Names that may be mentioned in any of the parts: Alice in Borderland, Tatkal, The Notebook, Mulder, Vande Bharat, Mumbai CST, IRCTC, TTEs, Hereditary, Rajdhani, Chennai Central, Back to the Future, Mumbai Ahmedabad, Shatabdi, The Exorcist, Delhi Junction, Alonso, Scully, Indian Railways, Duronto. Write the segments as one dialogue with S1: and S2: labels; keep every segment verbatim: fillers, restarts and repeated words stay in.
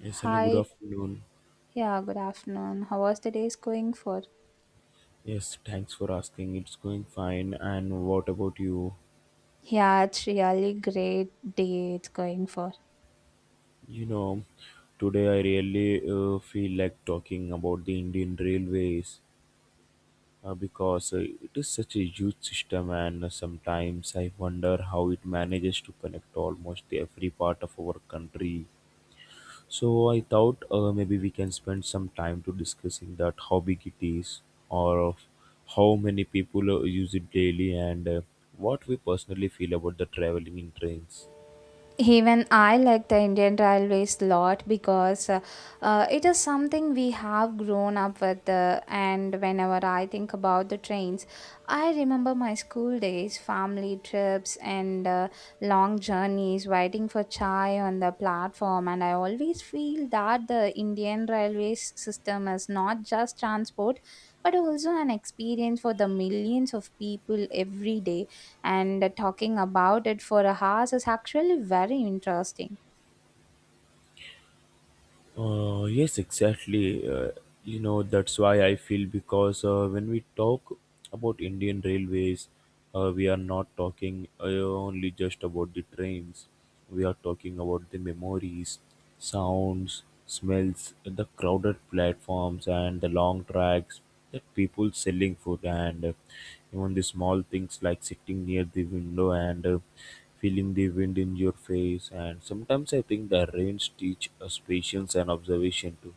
S1: Yes, hello, good
S2: Hi,
S1: afternoon.
S2: yeah, good afternoon. How was the day's going for?
S1: Yes, thanks for asking. It's going fine. And what about you?
S2: Yeah, it's really great day it's going for.
S1: You know, today I really uh, feel like talking about the Indian Railways uh, because uh, it is such a huge system, and uh, sometimes I wonder how it manages to connect almost every part of our country. So I thought uh, maybe we can spend some time to discussing that how big it is, or of how many people uh, use it daily, and uh, what we personally feel about the traveling in trains.
S2: Even I like the Indian Railways lot because uh, uh, it is something we have grown up with. Uh, and whenever I think about the trains, I remember my school days, family trips, and uh, long journeys waiting for chai on the platform. And I always feel that the Indian Railways system is not just transport but also an experience for the millions of people every day and talking about it for hours is actually very interesting.
S1: Uh, yes, exactly. Uh, you know, that's why I feel because uh, when we talk about Indian railways, uh, we are not talking uh, only just about the trains. We are talking about the memories, sounds, smells, the crowded platforms, and the long tracks, the people selling food and, uh, even the small things like sitting near the window and, uh, feeling the wind in your face. And sometimes I think the rains teach us patience and observation too.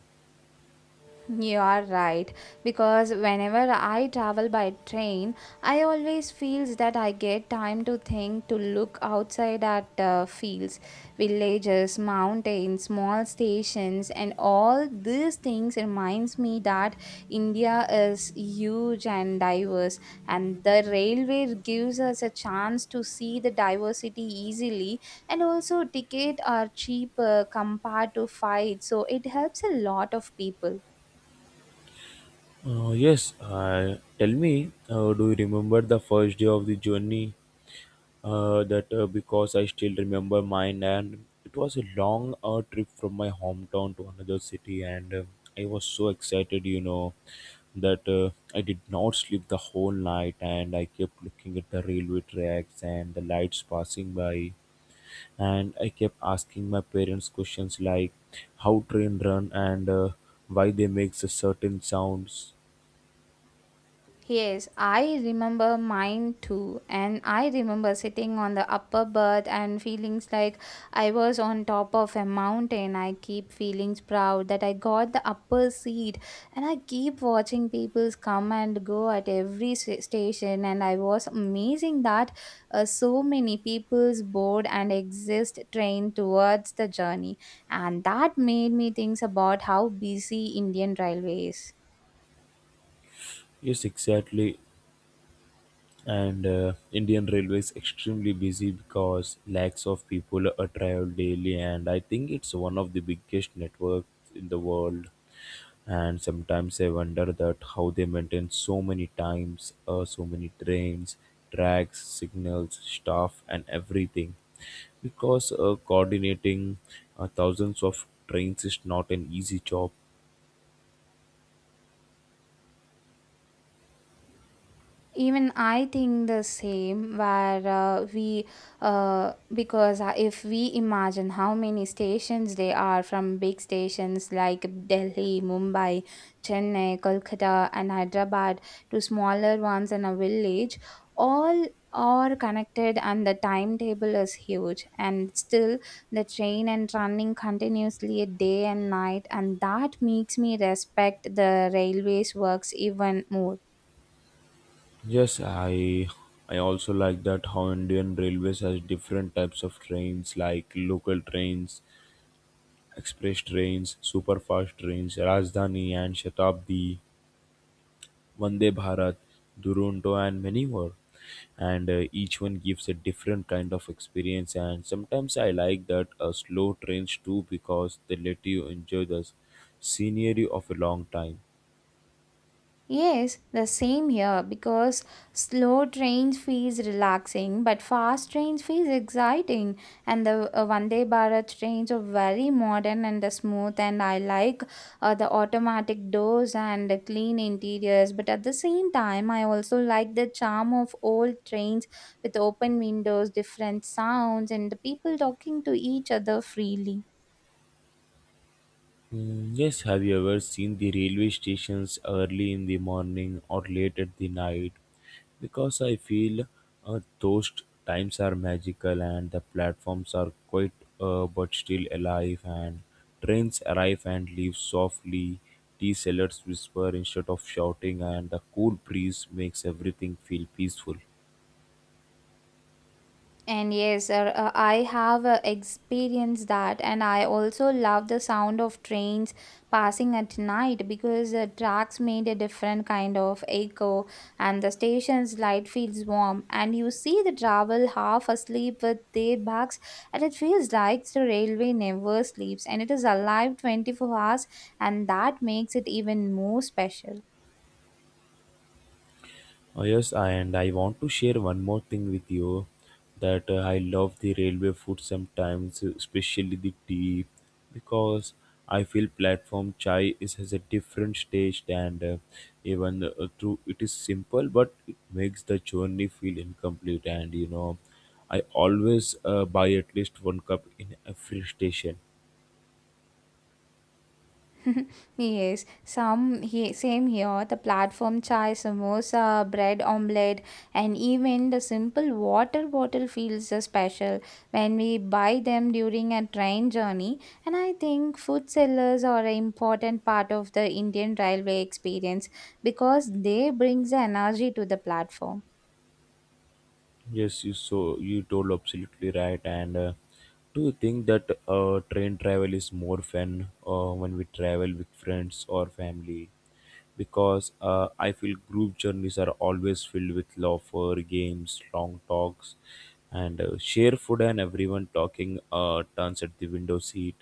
S2: You are right because whenever I travel by train, I always feels that I get time to think to look outside at uh, fields, villages, mountains, small stations, and all these things reminds me that India is huge and diverse, and the railway gives us a chance to see the diversity easily, and also ticket are cheaper compared to flight, so it helps a lot of people.
S1: uh, yes uh, Tell me, uh, do you remember the first day of the journey, uh, that uh, because I still remember mine, and it was a long uh, trip from my hometown to another city, and uh, I was so excited, you know that uh, I did not sleep the whole night, and I kept looking at the railway tracks and the lights passing by, and I kept asking my parents questions like how train run and, uh, why they make a certain sounds.
S2: Yes, I remember mine too. And I remember sitting on the upper berth and feelings like I was on top of a mountain. I keep feelings proud that I got the upper seat and I keep watching people come and go at every s- station. And I was amazing that uh, so many people's board and exist train towards the journey. And that made me think about how busy Indian railway is.
S1: Yes, exactly. And uh, Indian Railway is extremely busy because lakhs of people are travel daily, and I think it's one of the biggest networks in the world. And sometimes I wonder that how they maintain so many times, uh, so many trains, tracks, signals, staff, and everything. Because uh, coordinating uh, thousands of trains is not an easy job.
S2: Even I think the same, where uh, we, uh, because uh, if we imagine how many stations they are from big stations like Delhi, Mumbai, Chennai, Kolkata, and Hyderabad to smaller ones in a village, all are connected and the timetable is huge. And still, the train and running continuously day and night, and that makes me respect the railways works even more.
S1: Yes, I I also like that how Indian Railways has different types of trains like local trains, express trains, super fast trains, Rajdhani and Shatabdi, Vande Bharat, Duronto, and many more. And uh, each one gives a different kind of experience. And sometimes I like that uh, slow trains too, because they let you enjoy the scenery of a long time.
S2: Yes, the same here because slow trains feels relaxing but fast trains feels exciting and the uh, Vande Bharat trains are very modern and uh, smooth and I like uh, the automatic doors and the clean interiors but at the same time I also like the charm of old trains with open windows, different sounds and the people talking to each other freely.
S1: Mm, yes, have you ever seen the railway stations early in the morning or late at the night? Because I feel uh, those times are magical, and the platforms are quite, uh, but still alive, and trains arrive and leave softly. Tea sellers whisper instead of shouting, and the cool breeze makes everything feel peaceful.
S2: And yes, sir, uh, I have uh, experienced that, and I also love the sound of trains passing at night because the tracks made a different kind of echo, and the station's light feels warm, and you see the travel half asleep with their backs, and it feels like the railway never sleeps, and it is alive twenty-four hours, and that makes it even more special.
S1: Oh, yes, and I want to share one more thing with you, that uh, I love the railway food sometimes, especially the tea, because I feel platform chai is has a different taste, and uh, even uh, though it is simple, but it makes the journey feel incomplete. And you know, I always uh, buy at least one cup in every station.
S2: Yes, some he, same here. The platform chai, samosa, bread omelette, and even the simple water bottle feels uh, special when we buy them during a train journey. And I think food sellers are an important part of the Indian railway experience because they brings the energy to the platform.
S1: Yes, you so you told absolutely right. And uh, do you think that uh, train travel is more fun uh, when we travel with friends or family? Because uh, I feel group journeys are always filled with laughter, games, long talks, and uh, share food and everyone talking uh, turns at the window seat.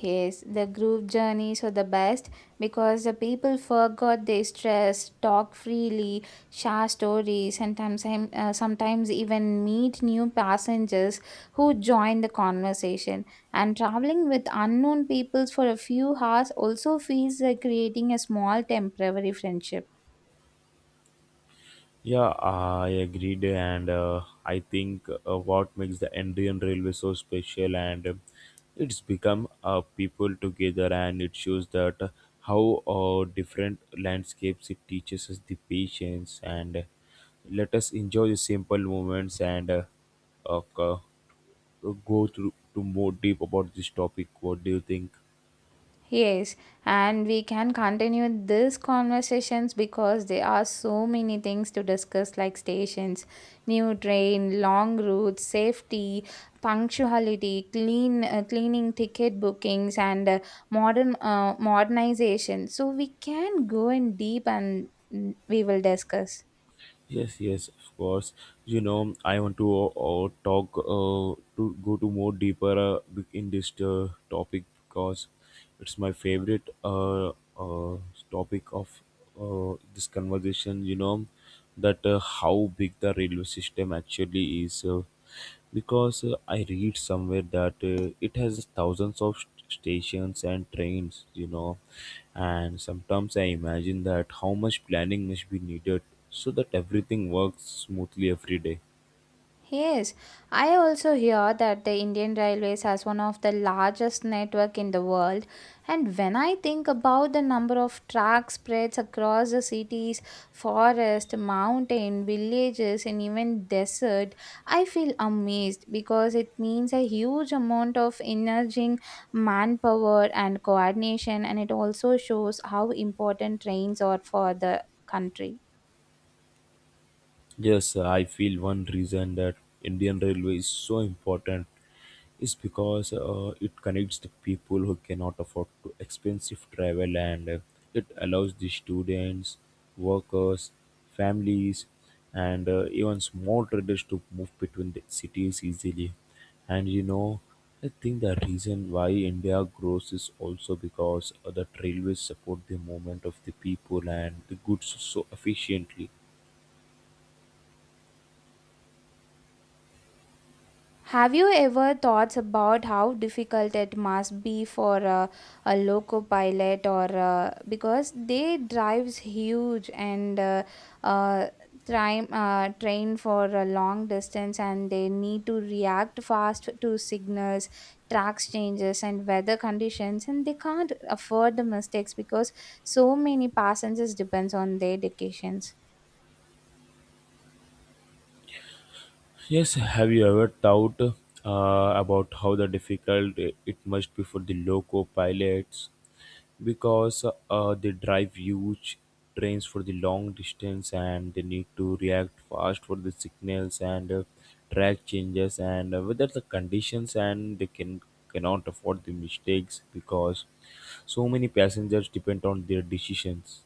S2: Yes, the group journeys are the best because the people forgot their stress, talk freely, share stories, and sometimes, uh, sometimes even meet new passengers who join the conversation. And traveling with unknown peoples for a few hours also feels like creating a small temporary friendship.
S1: Yeah, I agreed, and uh, I think uh, what makes the Indian Railway so special, and uh, it's become uh, people together, and it shows that uh, how uh, different landscapes, it teaches us the patience, and, uh, let us enjoy the simple moments and, uh, uh, go through to more deep about this topic. What do you think?
S2: Yes, and we can continue these conversations because there are so many things to discuss like stations, new train, long routes, safety, punctuality, clean uh, cleaning ticket bookings and uh, modern uh, modernization. So we can go in deep and mm, we will discuss.
S1: Yes, yes, of course. You know, I want to uh, talk uh, to go to more deeper uh, in this uh, topic, because it's my favorite uh, uh, topic of uh, this conversation. You know, that uh, how big the railway system actually is. Uh, because uh, I read somewhere that uh, it has thousands of st- stations and trains, you know, and sometimes I imagine that how much planning must be needed so that everything works smoothly every day.
S2: Yes, I also hear that the Indian Railways has one of the largest network in the world and when I think about the number of track spreads across the cities, forest, mountain, villages and even desert, I feel amazed because it means a huge amount of energy, manpower and coordination and it also shows how important trains are for the country.
S1: Yes, I feel one reason that Indian Railway is so important is because uh, it connects the people who cannot afford to expensive travel, and uh, it allows the students, workers, families, and uh, even small traders to move between the cities easily. And you know, I think the reason why India grows is also because uh, the railways support the movement of the people and the goods so efficiently.
S2: Have you ever thought about how difficult it must be for a, a loco pilot or uh, because they drives huge and uh, uh, train, uh, train for a long distance and they need to react fast to signals, tracks changes and weather conditions and they can't afford the mistakes because so many passengers depends on their dedications.
S1: Yes, have you ever thought uh, about how the difficult it must be for the loco pilots, because uh, they drive huge trains for the long distance, and they need to react fast for the signals and, uh, track changes and, uh, whether the conditions, and they can cannot afford the mistakes because so many passengers depend on their decisions.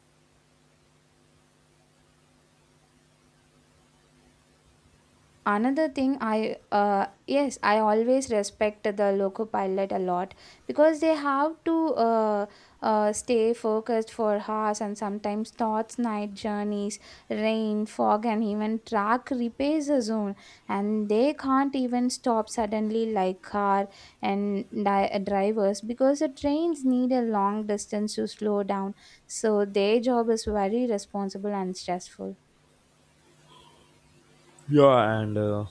S2: Another thing I uh, yes I always respect the loco pilot a lot because they have to uh, uh, stay focused for hours and sometimes thoughts night journeys rain fog and even track repairs the zone and they can't even stop suddenly like car and di- uh, drivers because the trains need a long distance to slow down so their job is very responsible and stressful.
S1: Yeah, and uh,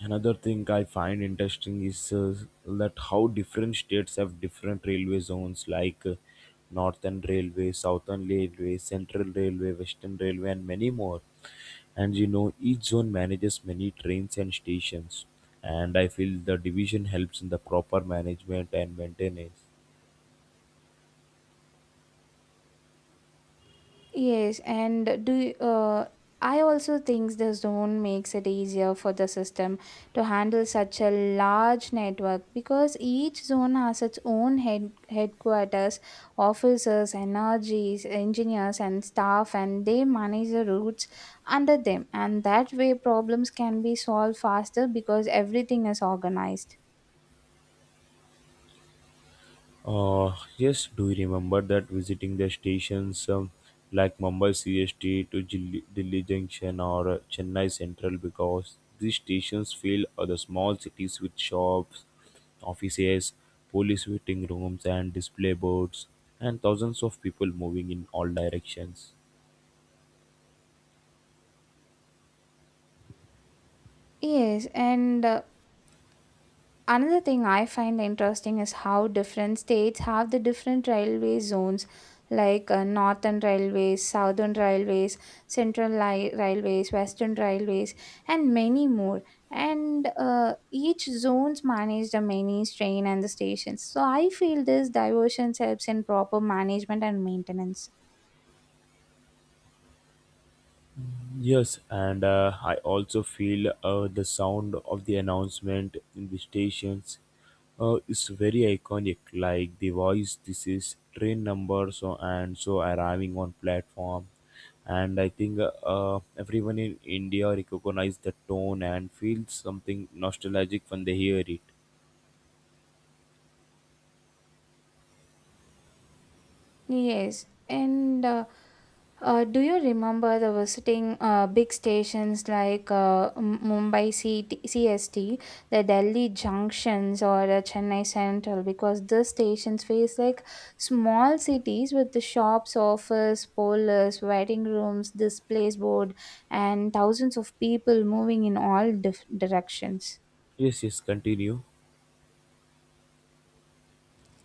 S1: another thing I find interesting is uh, that how different states have different railway zones, like uh, Northern Railway, Southern Railway, Central Railway, Western Railway, and many more. And you know, each zone manages many trains and stations. And I feel the division helps in the proper management and maintenance.
S2: Yes, and do you- uh, I also think the zone makes it easier for the system to handle such a large network because each zone has its own head headquarters, officers, energies, engineers, and staff, and they manage the routes under them. And that way, problems can be solved faster because everything is organized.
S1: Uh, yes, do you remember that visiting the stations, um, like Mumbai C S T to Jil- Delhi Junction or uh, Chennai Central? Because these stations fill uh, the small cities with shops, offices, police waiting rooms, and display boards, and thousands of people moving in all directions.
S2: Yes, and uh, another thing I find interesting is how different states have the different railway zones like uh, northern railways southern railways central li- railways western railways and many more and uh, each zones manage the many train and the stations so I feel this diversion helps in proper management and maintenance.
S1: Yes, and uh, I also feel uh, the sound of the announcement in the stations uh, is very iconic. Like the voice, this is train number, so and so arriving on platform. And I think uh, everyone in India recognize the tone and feels something nostalgic when they hear it.
S2: Yes, and uh, uh, do you remember the visiting uh, big stations like uh, M- Mumbai C T C S T, the Delhi junctions, or uh, Chennai Central? Because these stations face like small cities with the shops, office, parlors, waiting rooms, displays board, and thousands of people moving in all dif- directions.
S1: Yes, yes, continue.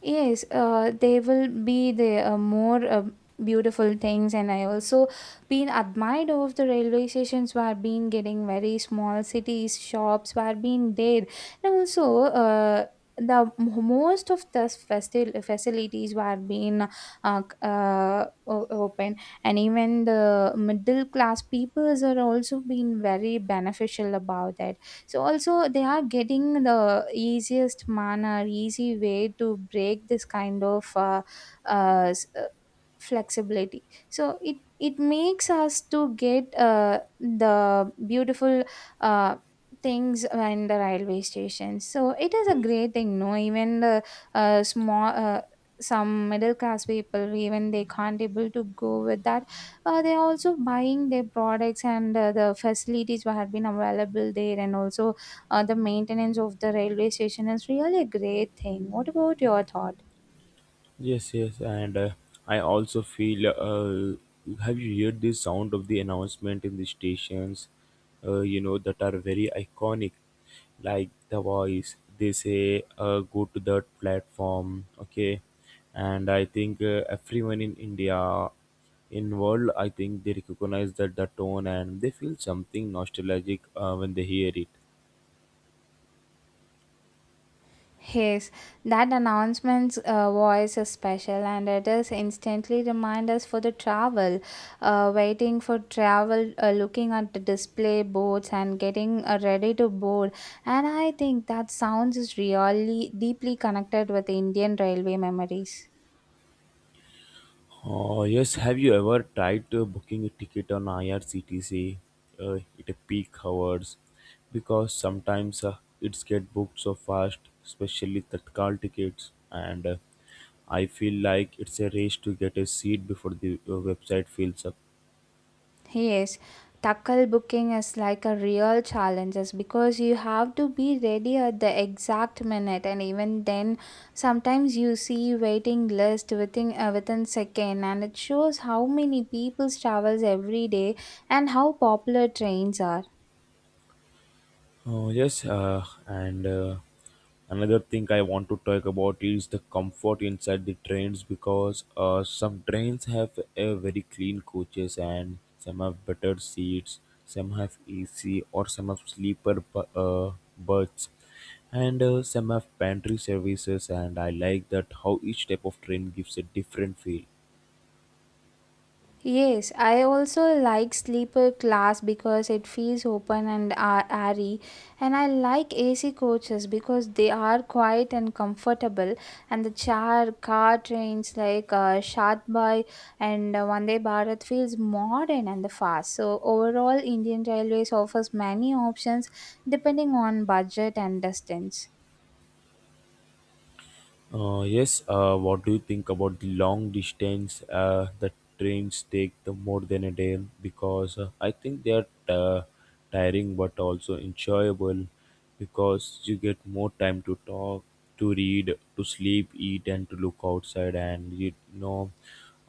S2: Yes, uh, they will be the uh, more uh, beautiful things, and I also been admired of the railway stations where been getting very small cities shops where been there, and also uh, the m- most of the faci- facilities were being uh, c- uh, o- open, and even the middle class peoples are also being very beneficial about it so also they are getting the easiest manner easy way to break this kind of uh, uh, flexibility so it it makes us to get uh, the beautiful uh, things in the railway station so it is a
S1: Yes.
S2: great thing no even the uh, small uh, some middle class people even they can't able to go with that uh, they are also buying their products and uh, the facilities what had been available there and also uh, the maintenance of the railway station is really a great thing. What about your thought?
S1: Yes, yes, and uh, I also feel. Uh, have you heard the sound of the announcement in the stations? Uh, you know that are very iconic, like the voice. They say, uh, "Go to that platform." Okay, and I think uh, everyone in India, in world, I think they recognize that the tone, and they feel something nostalgic uh, when they hear it.
S2: Yes, that announcement's uh, voice is special and it is instantly remind us for the travel, uh, waiting for travel, uh, looking at the display boards and getting uh, ready to board. And I think that sounds is really deeply connected with Indian railway memories.
S1: Oh, yes. Have you ever tried uh, booking a ticket on I R C T C uh, at a peak hours? Because sometimes uh, it's get booked so fast, especially Tatkal tickets, and, uh, I feel like it's a race to get a seat before the uh, website fills up.
S2: Yes, tackle booking is like a real challenge is because you have to be ready at the exact minute and even then sometimes you see waiting list within uh, within second and it shows how many people travels every day and how popular trains are.
S1: Oh, yes, uh, and uh, another thing I want to talk about is the comfort inside the trains, because uh, some trains have a very clean coaches and some have better seats, some have A C or some have sleeper bu- uh, berths, and uh, some have pantry services. And I like that how each type of train gives a different feel.
S2: Yes, I also like sleeper class because it feels open and a- airy, and I like A C coaches because they are quiet and comfortable, and the char car trains like uh, Shatbay and uh, Vande Bharat feels modern and fast. So overall, Indian Railways offers many options depending on budget and distance.
S1: Uh, yes, uh, what do you think about the long distance uh, that trains take the more than a day? Because uh, I think they are uh, tiring but also enjoyable, because you get more time to talk, to read, to sleep, eat, and to look outside. And you know,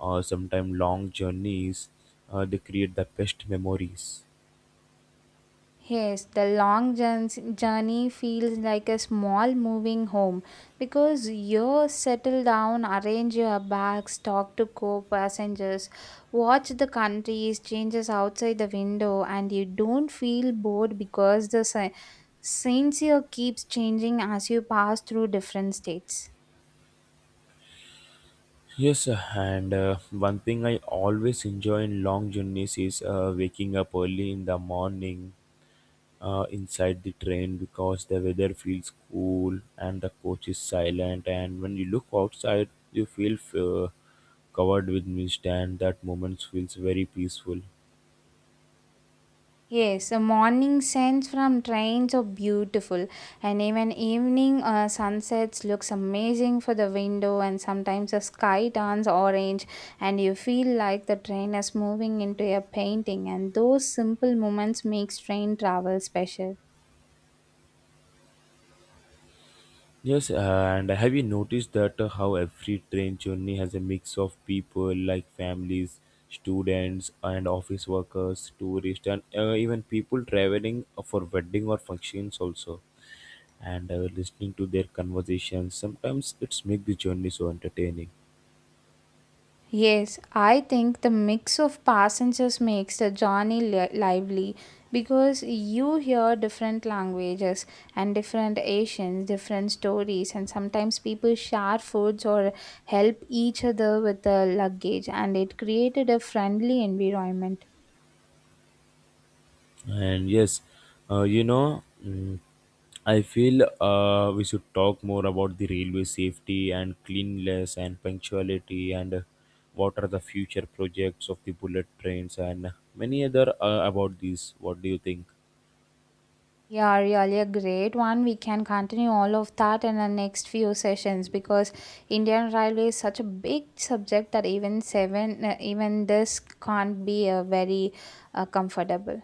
S1: uh, sometimes long journeys uh, they create the best memories.
S2: Yes, the long journs- journey feels like a small moving home because you settle down, arrange your bags, talk to co passengers, watch the countries, changes outside the window, and you don't feel bored because the sce- scenes here keeps changing as you pass through different states.
S1: Yes, uh, and uh, one thing I always enjoy in long journeys is uh, waking up early in the morning uh, inside the train, because the weather feels cool and the coach is silent. And when you look outside, you feel uh, covered with mist, and that moment feels very peaceful.
S2: Yes, the morning scents from trains are beautiful, and even evening uh, sunsets looks amazing for the window. And sometimes the sky turns orange, and you feel like the train is moving into a painting. And those simple moments makes train travel special.
S1: Yes, uh, and have you noticed that uh, how every train journey has a mix of people, like families, students, and office workers, tourists, and uh, even people traveling for wedding or functions also. And uh, listening to their conversations, sometimes it's make the journey so entertaining.
S2: Yes, I think the mix of passengers makes the journey li- lively because you hear different languages and different Asians, different stories, and sometimes people share foods or help each other with the luggage, and it created a friendly environment.
S1: And yes, uh, you know, mm, I feel uh, we should talk more about the railway safety and cleanliness and punctuality and, uh, what are the future projects of the bullet trains and many other uh, about these. What do you think?
S2: Yeah, really a great one. We can continue all of that in the next few sessions because Indian Railway is such a big subject that even seven, uh, even this can't be a very uh, comfortable.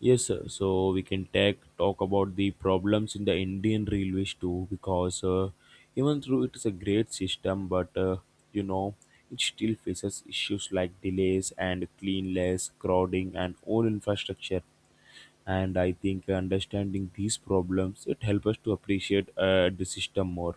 S1: Yes, sir. So we can take talk about the problems in the Indian railways too, because uh, even though it is a great system, but uh, you know, it still faces issues like delays and cleanliness, crowding, and old infrastructure. And I think understanding these problems it helps us to appreciate uh, the system more.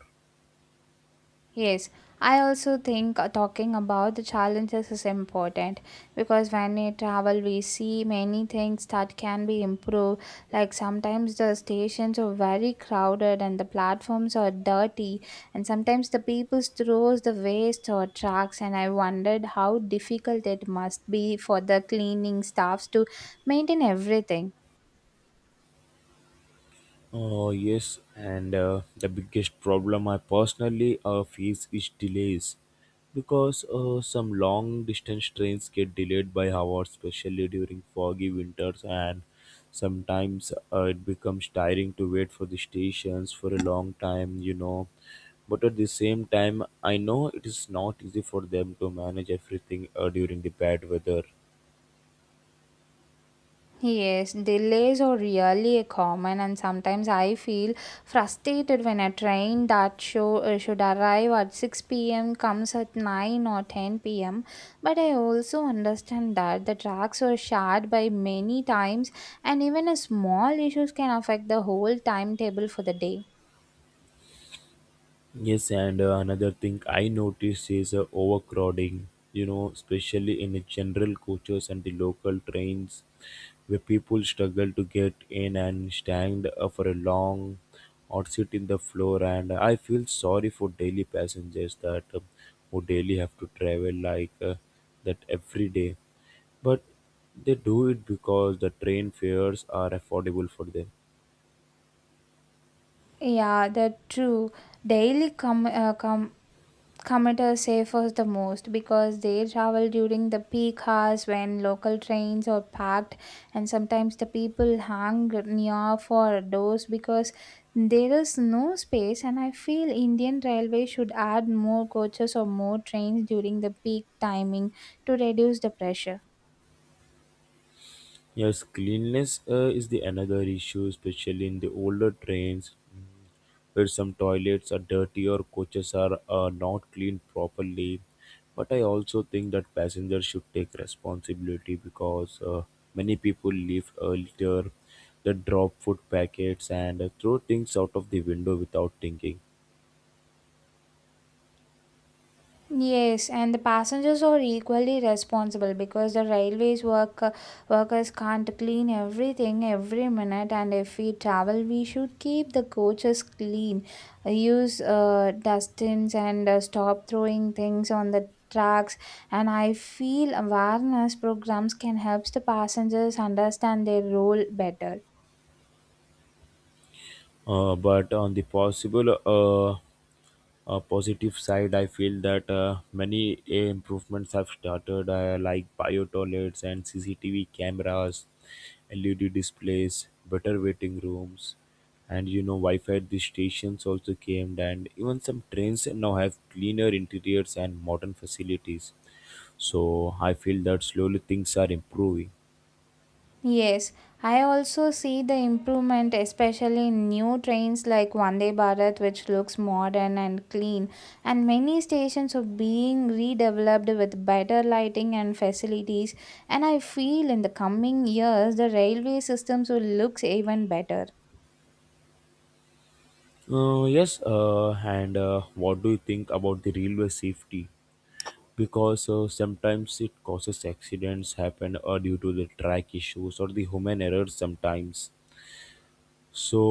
S2: Yes, I also think uh, talking about the challenges is important because when we travel, we see many things that can be improved. Like sometimes the stations are very crowded and the platforms are dirty, and sometimes the people throws the waste or trucks. And I wondered how difficult it must be for the cleaning staffs to maintain everything.
S1: Oh yes, and uh, the biggest problem I personally uh, face is delays, because uh, some long distance trains get delayed by hours, especially during foggy winters, and sometimes uh, it becomes tiring to wait for the stations for a long time, you know. But at the same time, I know it is not easy for them to manage everything uh, during the bad weather.
S2: Yes, delays are really a common, and sometimes I feel frustrated when a train that show, uh, should arrive at six p m comes at nine or ten p m. But I also understand that the tracks are shared by many times, and even a small issues can affect the whole timetable for the day.
S1: Yes, and uh, another thing I notice is uh, overcrowding, you know, especially in the general coaches and the local trains where people struggle to get in and stand uh, for a long, or sit in the floor. And I feel sorry for daily passengers that um, who daily have to travel like uh, that every day, but they do it because the train fares are affordable for them.
S2: Yeah, that true. Daily com uh, com commuters suffers the most because they travel during the peak hours when local trains are packed, and sometimes the people hang near for doors because there is no space. And I feel Indian Railway should add more coaches or more trains during the peak timing to reduce the pressure.
S1: Yes, cleanliness uh, is the another issue, especially in the older trains where some toilets are dirty or coaches are uh, not cleaned properly. But I also think that passengers should take responsibility because uh, many people leave uh, litter, they drop food packets and uh, throw things out of the window without thinking.
S2: Yes, and the passengers are equally responsible because the railways work uh, workers can't clean everything every minute. And if we travel, we should keep the coaches clean, Uh, use uh, dustbins, and uh, stop throwing things on the tracks. And I feel awareness programs can help the passengers understand their role better.
S1: Uh, but on the possible uh, a positive side, I feel that uh, many uh, improvements have started, uh, like bio toilets and C C T V cameras, L E D displays, better waiting rooms, and you know, Wi Fi at the stations also came, and even some trains now have cleaner interiors and modern facilities. So, I feel that slowly things are improving.
S2: Yes, I also see the improvement, especially in new trains like Vande Bharat, which looks modern and clean, and many stations are being redeveloped with better lighting and facilities. And I feel in the coming years the railway systems will look even better.
S1: Uh, yes, uh, and uh, what do you think about the railway safety? Because uh, sometimes it causes accidents happen or due to the track issues or the human errors sometimes so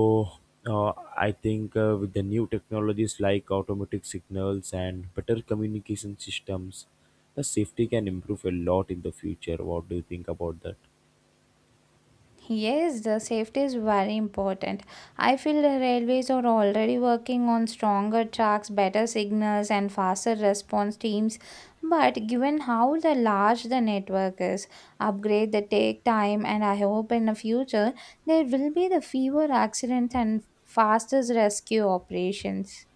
S1: uh, i think uh, with the new technologies like automatic signals and better communication systems, the safety can improve a lot in the future. What do you think about that?
S2: Yes, the safety is very important. I feel the railways are already working on stronger tracks, better signals, and faster response teams. But given how the large the network is, upgrade the take time, and I hope in the future there will be the fewer accidents and faster rescue operations.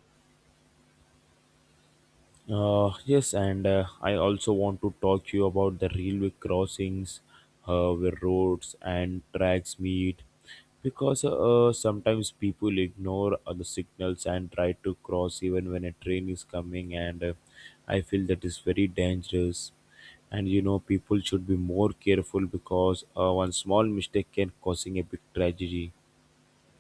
S1: Uh, yes, and uh, I also want to talk to you about the railway crossings uh, where roads and tracks meet, because uh, sometimes people ignore uh, the signals and try to cross even when a train is coming, and uh, I feel that is very dangerous. And you know, people should be more careful because uh, one small mistake can causing a big tragedy.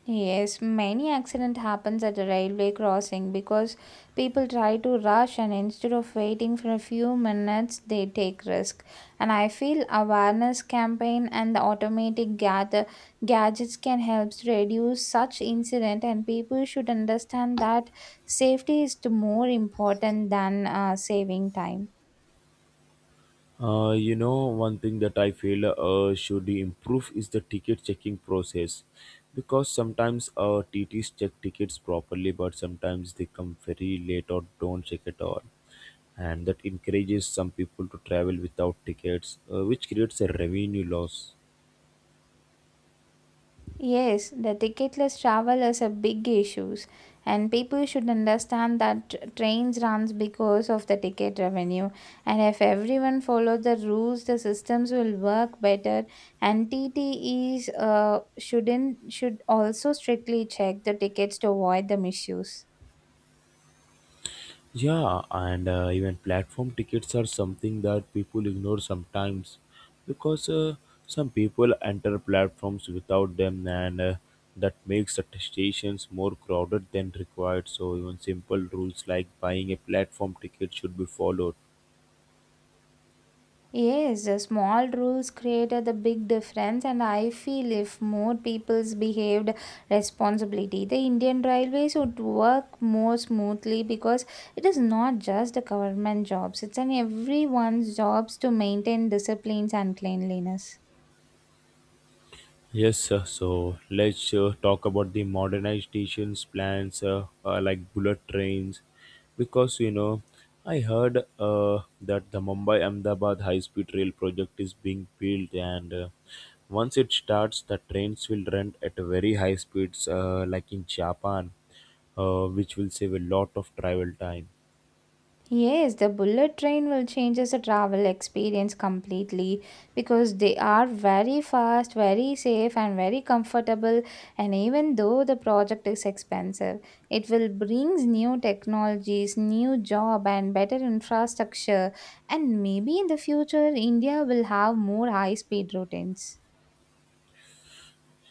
S2: Yes, many accident happens at the railway crossing because people try to rush and instead of waiting for a few minutes they take risk. And I feel awareness campaign and the automatic gather gadgets can help to reduce such incident and people should understand that safety is the more important than uh, saving time.
S1: Uh, you know, one thing that I feel uh, should improve is the ticket checking process because sometimes uh, T Ts check tickets properly, but sometimes they come very late or don't check at all. And that encourages some people to travel without tickets, uh, which creates a revenue loss.
S2: Yes, the ticketless travel is a big issue, and people should understand that tr- trains runs because of the ticket revenue. And if everyone follow the rules, the systems will work better. And T T TTEs uh, shouldn't should also strictly check the tickets to avoid the misuse.
S1: Yeah, and uh, even platform tickets are something that people ignore sometimes because uh, some people enter platforms without them, and uh, that makes the stations more crowded than required. So, even simple rules like buying a platform ticket should be followed.
S2: Yes, the small rules created the big difference, and I feel if more peoples behaved responsibility, the Indian Railways would work more smoothly because it is not just the government jobs; it's an everyone's jobs to maintain disciplines and cleanliness.
S1: Yes, sir. So let's uh, talk about the modernizations plans uh, uh, like bullet trains, because you know, I heard uh, that the Mumbai Ahmedabad high speed rail project is being built, and uh, once it starts, the trains will run at very high speeds, uh, like in Japan, uh, which will save a lot of travel time.
S2: Yes, the bullet train will change the travel experience completely because they are very fast, very safe, and very comfortable. And even though the project is expensive, it will brings new technologies, new job, and better infrastructure. And maybe in the future, India will have more high speed routines.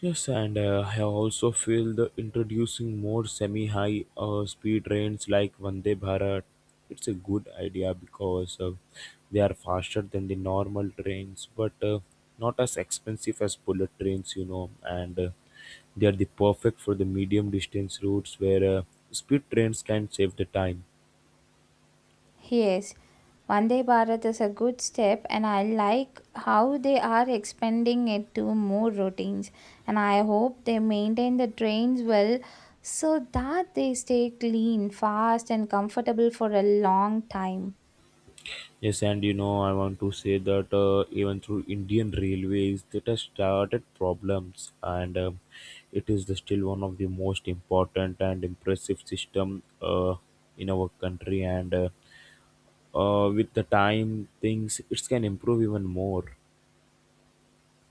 S1: Yes, and uh, I also feel the introducing more semi-high uh, speed trains like Vande Bharat. It's a good idea because uh, they are faster than the normal trains, but uh, not as expensive as bullet trains, you know. And uh, they are the perfect for the medium distance routes where uh, speed trains can save the time.
S2: Yes, Vande Bharat is a good step, and I like how they are expanding it to more routines. And I hope they maintain the trains well so that they stay clean, fast, and comfortable for a long time.
S1: Yes, and you know, I want to say that uh, even through Indian railways, that has started problems, and um it is the, still one of the most important and impressive system uh, in our country. And uh, uh, with the time, things it can improve even more.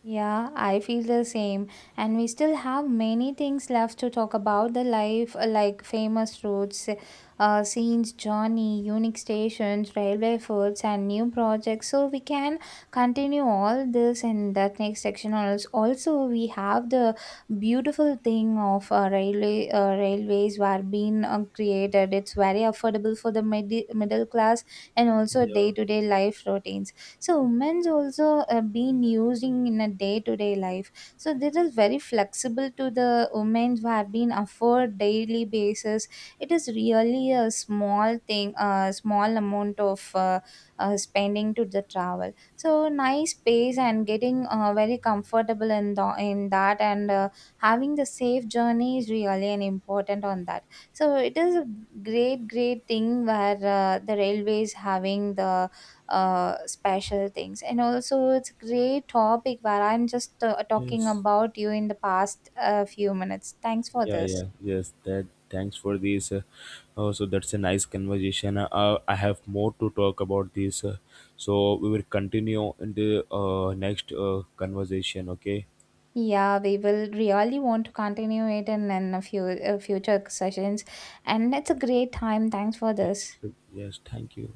S2: Yeah, I feel the same. And we still have many things left to talk about the life, uh, like famous routes, uh, scenes, journey, unique stations, railway foods, and new projects. So we can continue all this in that next section. Also, also we have the beautiful thing of uh, railway uh, railways were being uh, created. It's very affordable for the mid- middle class and also
S1: Yeah.
S2: day to day life routines, so women's also uh, been using in a day-to-day life, so this is very flexible to the women who have been afford daily basis. It is really a small thing, a small amount of uh, uh, spending to the travel, so nice pace and getting uh, very comfortable in, the, in that. And uh, having the safe journey is really an important on that, so it is a great great thing where uh, the railways having the uh, special things. And also, it's a great topic where I'm just uh, talking
S1: Yes.
S2: about you in the past uh, few minutes. Thanks for
S1: Yeah,
S2: this.
S1: yeah, yes. That thanks for this. Uh, uh, so that's a nice conversation. Uh, I have more to talk about this. Uh, so we will continue in the uh, next uh, conversation. Okay.
S2: Yeah, we will really want to continue it in, in a few uh, future sessions. And it's a great time. Thanks for
S1: Yes,
S2: this.
S1: yes. Thank you.